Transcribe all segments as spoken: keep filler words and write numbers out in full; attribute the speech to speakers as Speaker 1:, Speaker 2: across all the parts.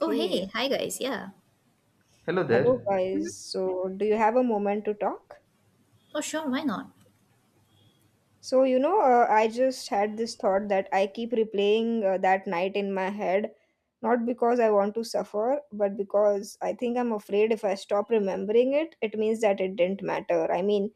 Speaker 1: Oh, hey.
Speaker 2: Okay.
Speaker 1: Hi, guys. Yeah.
Speaker 3: Hello
Speaker 2: Hello,
Speaker 3: there.
Speaker 2: guys. So, do you have a moment to talk?
Speaker 1: Oh, sure. Why not?
Speaker 2: So, you know, uh, I just had this thought that I keep replaying uh, that night in my head, not because I want to suffer, but because I think I'm afraid if I stop remembering it, it means that it didn't matter. I mean,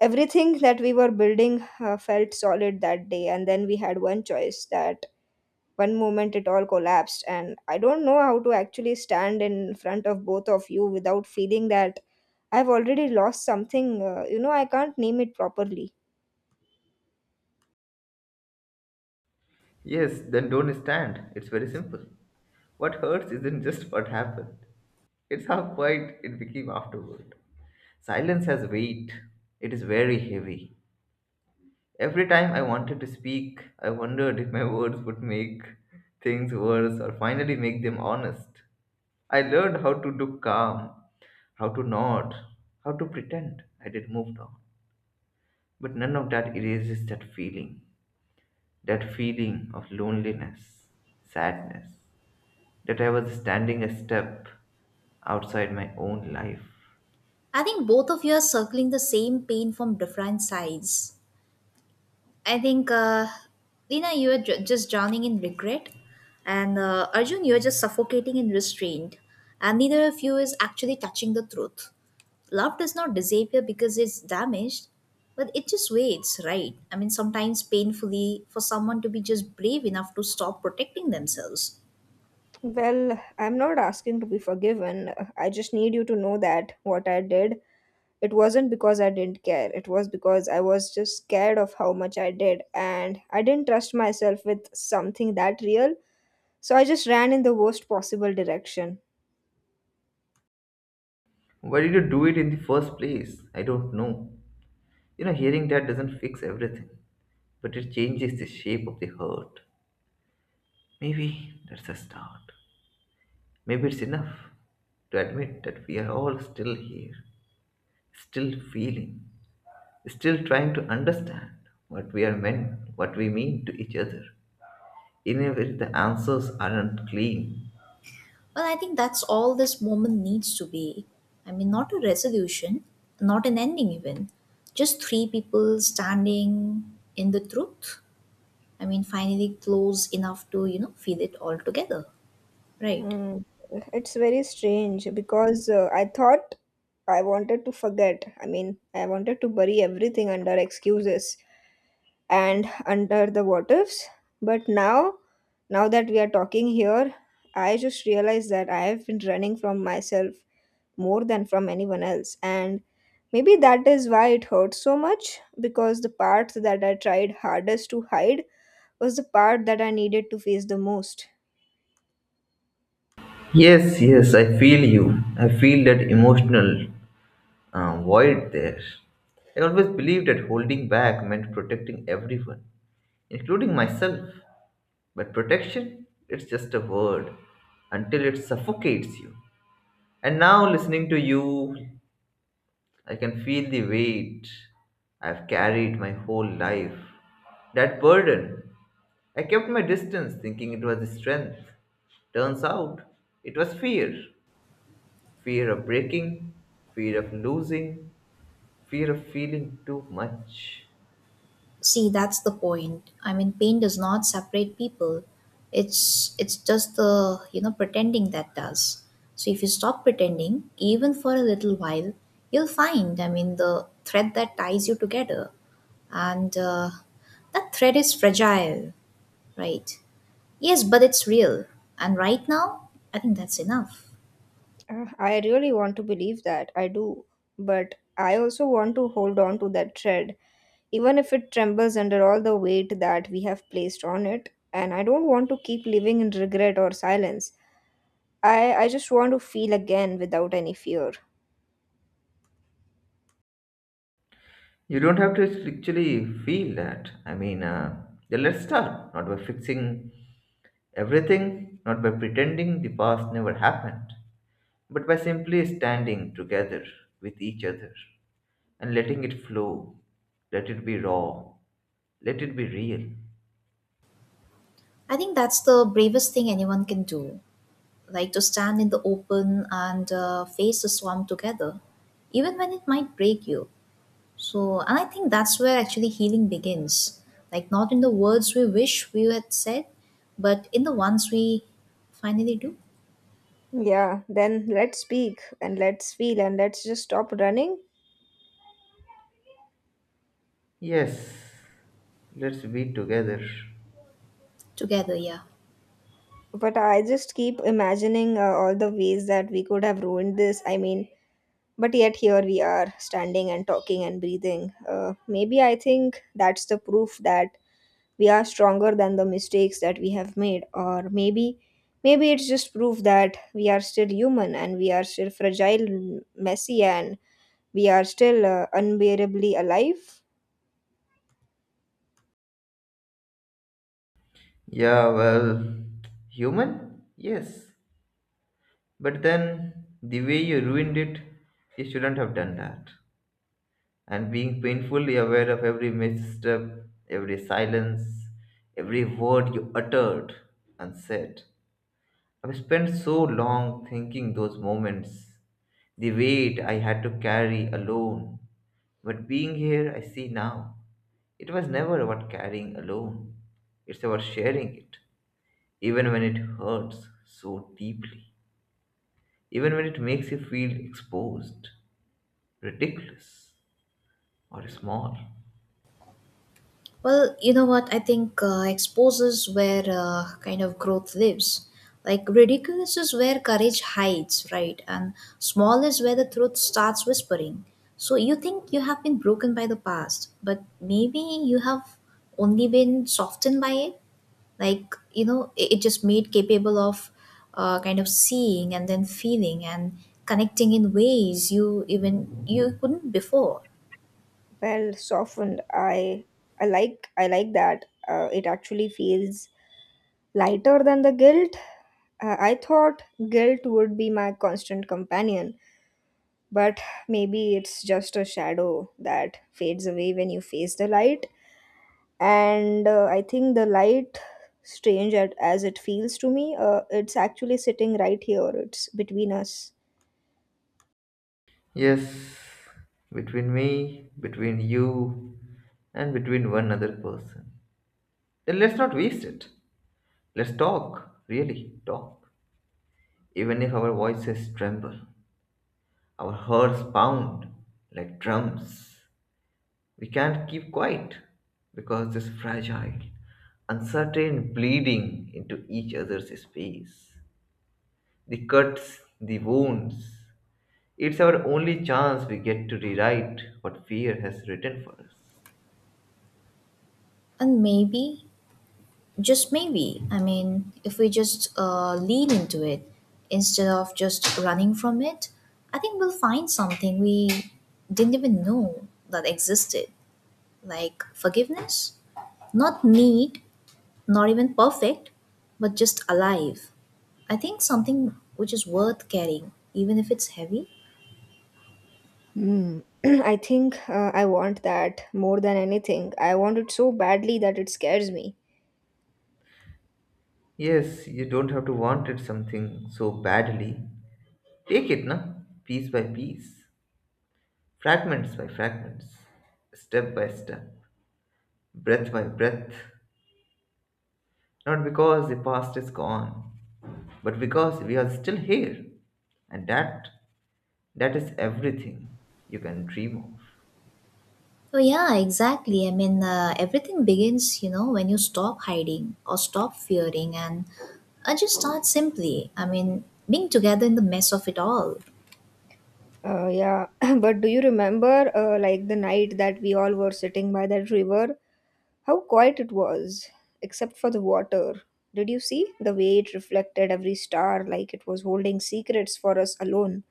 Speaker 2: everything that we were building uh, felt solid that day, and then we had one choice, that one moment it all collapsed, and I don't know how to actually stand in front of both of you without feeling that I've already lost something. Uh, you know, I can't name it properly.
Speaker 3: Yes, then don't stand. It's very simple. What hurts isn't just what happened, it's how quiet it became afterward. Silence has weight, it is very heavy. Every time I wanted to speak, I wondered if my words would make things worse or finally make them honest. I learned how to look calm, how to nod, how to pretend I did move on. But none of that erases that feeling, that feeling of loneliness, sadness that I was standing a step outside my own life.
Speaker 1: I think both of you are circling the same pain from different sides. I think, uh, Lina, you are ju- just drowning in regret, and uh, Arjun, you are just suffocating in restraint, and neither of you is actually touching the truth. Love does not disappear because it's damaged, but it just waits, right? I mean, sometimes painfully for someone to be just brave enough to stop protecting themselves.
Speaker 2: Well, I'm not asking to be forgiven. I just need you to know that what I did, it wasn't because I didn't care. It was because I was just scared of how much I did, and I didn't trust myself with something that real. So I just ran in the worst possible direction.
Speaker 3: Why did you do it in the first place? I don't know. You know, hearing that doesn't fix everything, but it changes the shape of the hurt. Maybe that's a start. Maybe it's enough to admit that we are all still here, still feeling, still trying to understand what we are meant, what we mean to each other, even if the answers aren't clean.
Speaker 1: Well, I think that's all this moment needs to be. I mean, not a resolution, not an ending, even. Just three people standing in the truth. I mean, finally close enough to, you know, feel it all together. Right.
Speaker 2: Mm, it's very strange because uh, I thought I wanted to forget. I mean, I wanted to bury everything under excuses and under the what ifs. But now, now that we are talking here, I just realized that I have been running from myself more than from anyone else. And maybe that is why it hurts so much, because the part that I tried hardest to hide was the part that I needed to face the most.
Speaker 3: Yes, yes, I feel you. I feel that emotional uh, void there. I always believed that holding back meant protecting everyone, including myself. But protection, it's just a word until it suffocates you. And now, listening to you, I can feel the weight I've carried my whole life. That burden. I kept my distance thinking it was strength. Turns out, it was fear. Fear of breaking, fear of losing, fear of feeling too much.
Speaker 1: See, that's the point. I mean, pain does not separate people. It's it's just the, you know, pretending that does. So if you stop pretending, even for a little while, you'll find, I mean, the thread that ties you together and uh, that thread is fragile, right? Yes, but it's real. And right now, I think that's enough.
Speaker 2: Uh, I really want to believe that. I do. But I also want to hold on to that thread, even if it trembles under all the weight that we have placed on it. And I don't want to keep living in regret or silence. I, I just want to feel again without any fear.
Speaker 3: You don't have to actually feel that. I mean, uh, yeah, let's start not by fixing everything, not by pretending the past never happened, but by simply standing together with each other and letting it flow. Let it be raw. Let it be real.
Speaker 1: I think that's the bravest thing anyone can do, like to stand in the open and uh, face the storm together, even when it might break you. So, and I think that's where actually healing begins, like not in the words we wish we had said, but in the ones we finally do
Speaker 2: Yeah, then let's speak, and let's feel, and let's just stop running.
Speaker 3: Yes, let's be together.
Speaker 1: together. Yeah.
Speaker 2: But I just keep imagining uh, all the ways that we could have ruined this. I mean, but yet here we are, standing and talking and breathing. Uh, maybe I think that's the proof that we are stronger than the mistakes that we have made. Or maybe, maybe it's just proof that we are still human, and we are still fragile, messy, and we are still uh, unbearably alive.
Speaker 3: Yeah, well, human? Yes. But then, the way you ruined it, you shouldn't have done that. And being painfully aware of every misstep, every silence, every word you uttered and said. I've spent so long thinking those moments, the weight I had to carry alone. But being here, I see now, it was never about carrying alone, it's about sharing it, even when it hurts so deeply, even when it makes you feel exposed, ridiculous, or small.
Speaker 1: Well, you know what? I think uh, exposes where uh, kind of growth lives. Like ridiculous is where courage hides, right? And small is where the truth starts whispering. So you think you have been broken by the past, but maybe you have only been softened by it. Like, you know, it, it just made capable of uh, kind of seeing and then feeling and connecting in ways you even you couldn't before.
Speaker 2: Well, softened. I i like i like that. Uh, it actually feels lighter than the guilt. uh, I thought guilt would be my constant companion. But maybe it's just a shadow that fades away when you face the light. And uh, I think the light, strange at, as it feels to me, uh, it's actually sitting right here, it's between us.
Speaker 3: Yes, between me, between you, and between one other person. Then let's not waste it. Let's talk, really talk. Even if our voices tremble, our hearts pound like drums, we can't keep quiet because this fragile, uncertain bleeding into each other's space. The cuts, the wounds. It's our only chance we get to rewrite what fear has written for us.
Speaker 1: And maybe just maybe. I mean, if we just uh, lean into it instead of just running from it, I think we'll find something we didn't even know that existed, like forgiveness. Not neat, not even perfect, but just alive. I think something which is worth carrying, even if it's heavy.
Speaker 2: Hmm. I think uh, I want that more than anything. I want it so badly that it scares me.
Speaker 3: Yes, you don't have to want it something so badly. Take it, na? Piece by piece, fragments by fragments, step by step, breath by breath. Not because the past is gone, but because we are still here. And that that is everything you can dream of.
Speaker 1: Oh, yeah, exactly. I mean, uh, everything begins, you know, when you stop hiding or stop fearing and uh, just start simply. I mean, being together in the mess of it all.
Speaker 2: Uh, yeah, but do you remember uh, like the night that we all were sitting by that river? How quiet it was, except for the water. Did you see the way it reflected every star, like it was holding secrets for us alone?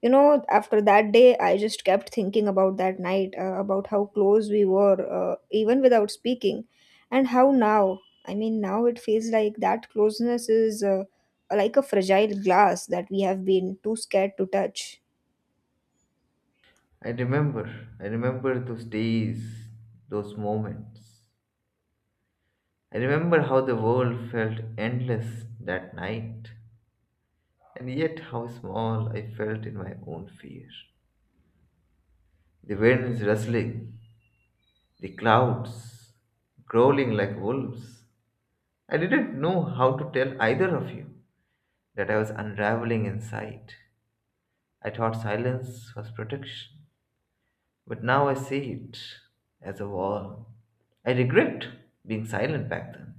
Speaker 2: You know, after that day, I just kept thinking about that night, uh, about how close we were, uh, even without speaking, and how now, I mean, now it feels like that closeness is uh, like a fragile glass that we have been too scared to touch.
Speaker 3: I remember, I remember those days, those moments. I remember how the world felt endless that night, and yet how small I felt in my own fear. The wind is rustling, the clouds growling like wolves. I didn't know how to tell either of you that I was unraveling inside. I thought silence was protection, but now I see it as a wall. I regret being silent back then.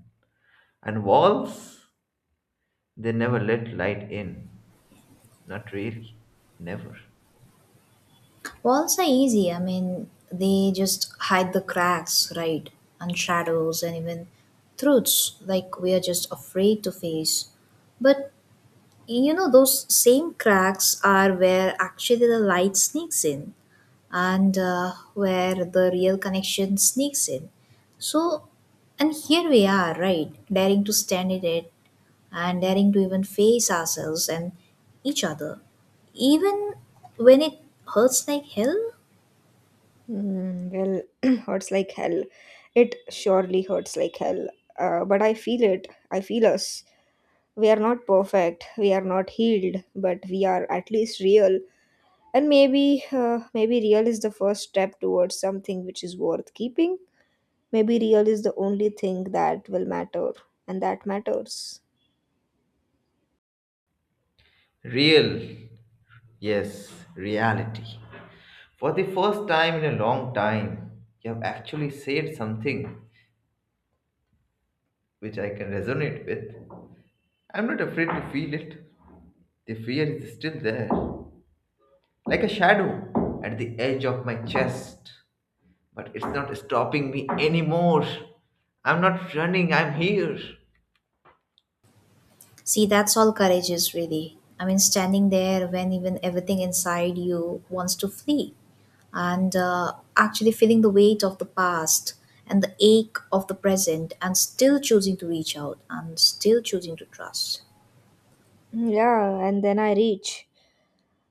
Speaker 3: And walls, they never let light in. Not really. Never.
Speaker 1: Walls are easy. I mean, they just hide the cracks, right? And shadows and even truths like we are just afraid to face. But you know, those same cracks are where actually the light sneaks in and uh, where the real connection sneaks in. So, and here we are, right? Daring to stand in it and daring to even face ourselves and each other, even when it hurts like hell.
Speaker 2: Mm, well, hurts like hell. It surely hurts like hell. Uh, but I feel it. I feel us. We are not perfect. We are not healed, but we are at least real. And maybe, uh, maybe real is the first step towards something which is worth keeping. Maybe real is the only thing that will matter, and that matters.
Speaker 3: Real. Yes, reality. For the first time in a long time, you have actually said something which I can resonate with. I'm not afraid to feel it. The fear is still there, like a shadow at the edge of my chest. But it's not stopping me anymore. I'm not running, I'm here.
Speaker 1: See, that's all courage is really. I mean, standing there when even everything inside you wants to flee, and uh, actually feeling the weight of the past and the ache of the present, and still choosing to reach out and still choosing to trust.
Speaker 2: Hmm, yeah, and then I reach.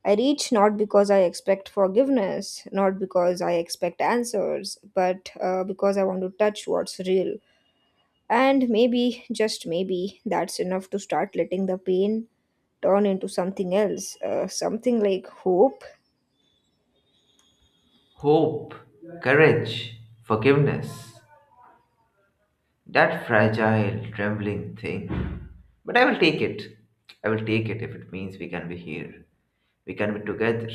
Speaker 2: I reach not because I expect forgiveness, not because I expect answers, but uh, because I want to touch what's real. And maybe, just maybe, that's enough to start letting the pain turn into something else, uh, something like hope.
Speaker 3: Hope, courage, forgiveness. That fragile, trembling thing. But I will take it. I will take it if it means we can be here. We can be together,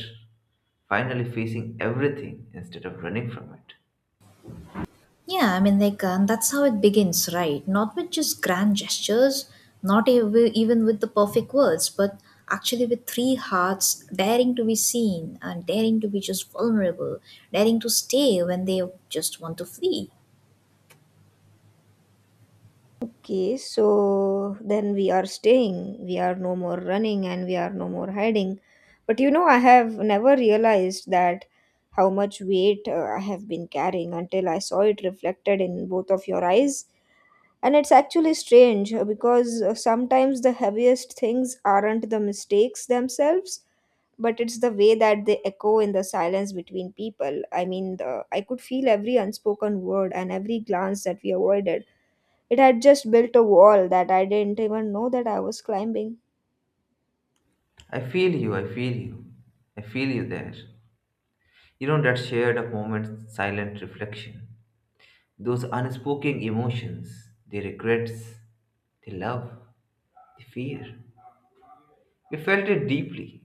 Speaker 3: finally facing everything instead of running from it.
Speaker 1: Yeah, I mean, like, um, that's how it begins, right? Not with just grand gestures, not ev- even with the perfect words, but actually with three hearts daring to be seen and daring to be just vulnerable, daring to stay when they just want to flee.
Speaker 2: Okay, so then we are staying, we are no more running, and we are no more hiding. But you know, I have never realized that how much weight uh, I have been carrying until I saw it reflected in both of your eyes. And it's actually strange, uh, because uh, sometimes the heaviest things aren't the mistakes themselves, but it's the way that they echo in the silence between people. I mean, the, I could feel every unspoken word and every glance that we avoided. It had just built a wall that I didn't even know that I was climbing.
Speaker 3: I feel you, I feel you. I feel you there. You know that shared a moment silent reflection. Those unspoken emotions, the regrets, the love, the fear. We felt it deeply,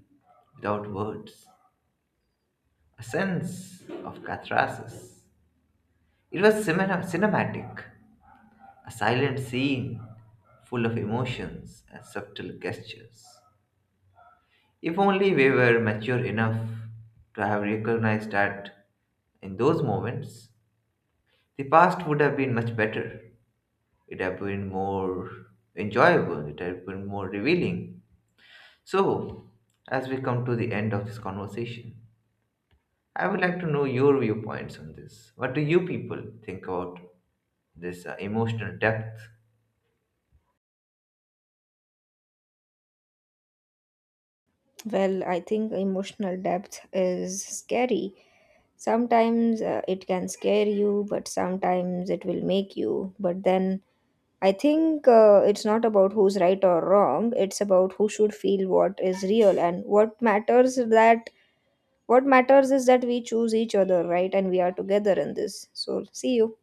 Speaker 3: without words. A sense of catharsis, it was cinema- cinematic, a silent scene full of emotions and subtle gestures. If only we were mature enough to have recognized that in those moments, the past would have been much better. It would have been more enjoyable, it would have been more revealing. So, as we come to the end of this conversation, I would like to know your viewpoints on this. What do you people think about this uh, emotional depth
Speaker 2: Well, I think emotional depth is scary. Sometimes uh, it can scare you, but sometimes it will make you. But then I think uh, it's not about who's right or wrong. It's about who should feel what is real and what matters, that what matters is that we choose each other, right? And we are together in this. So see you.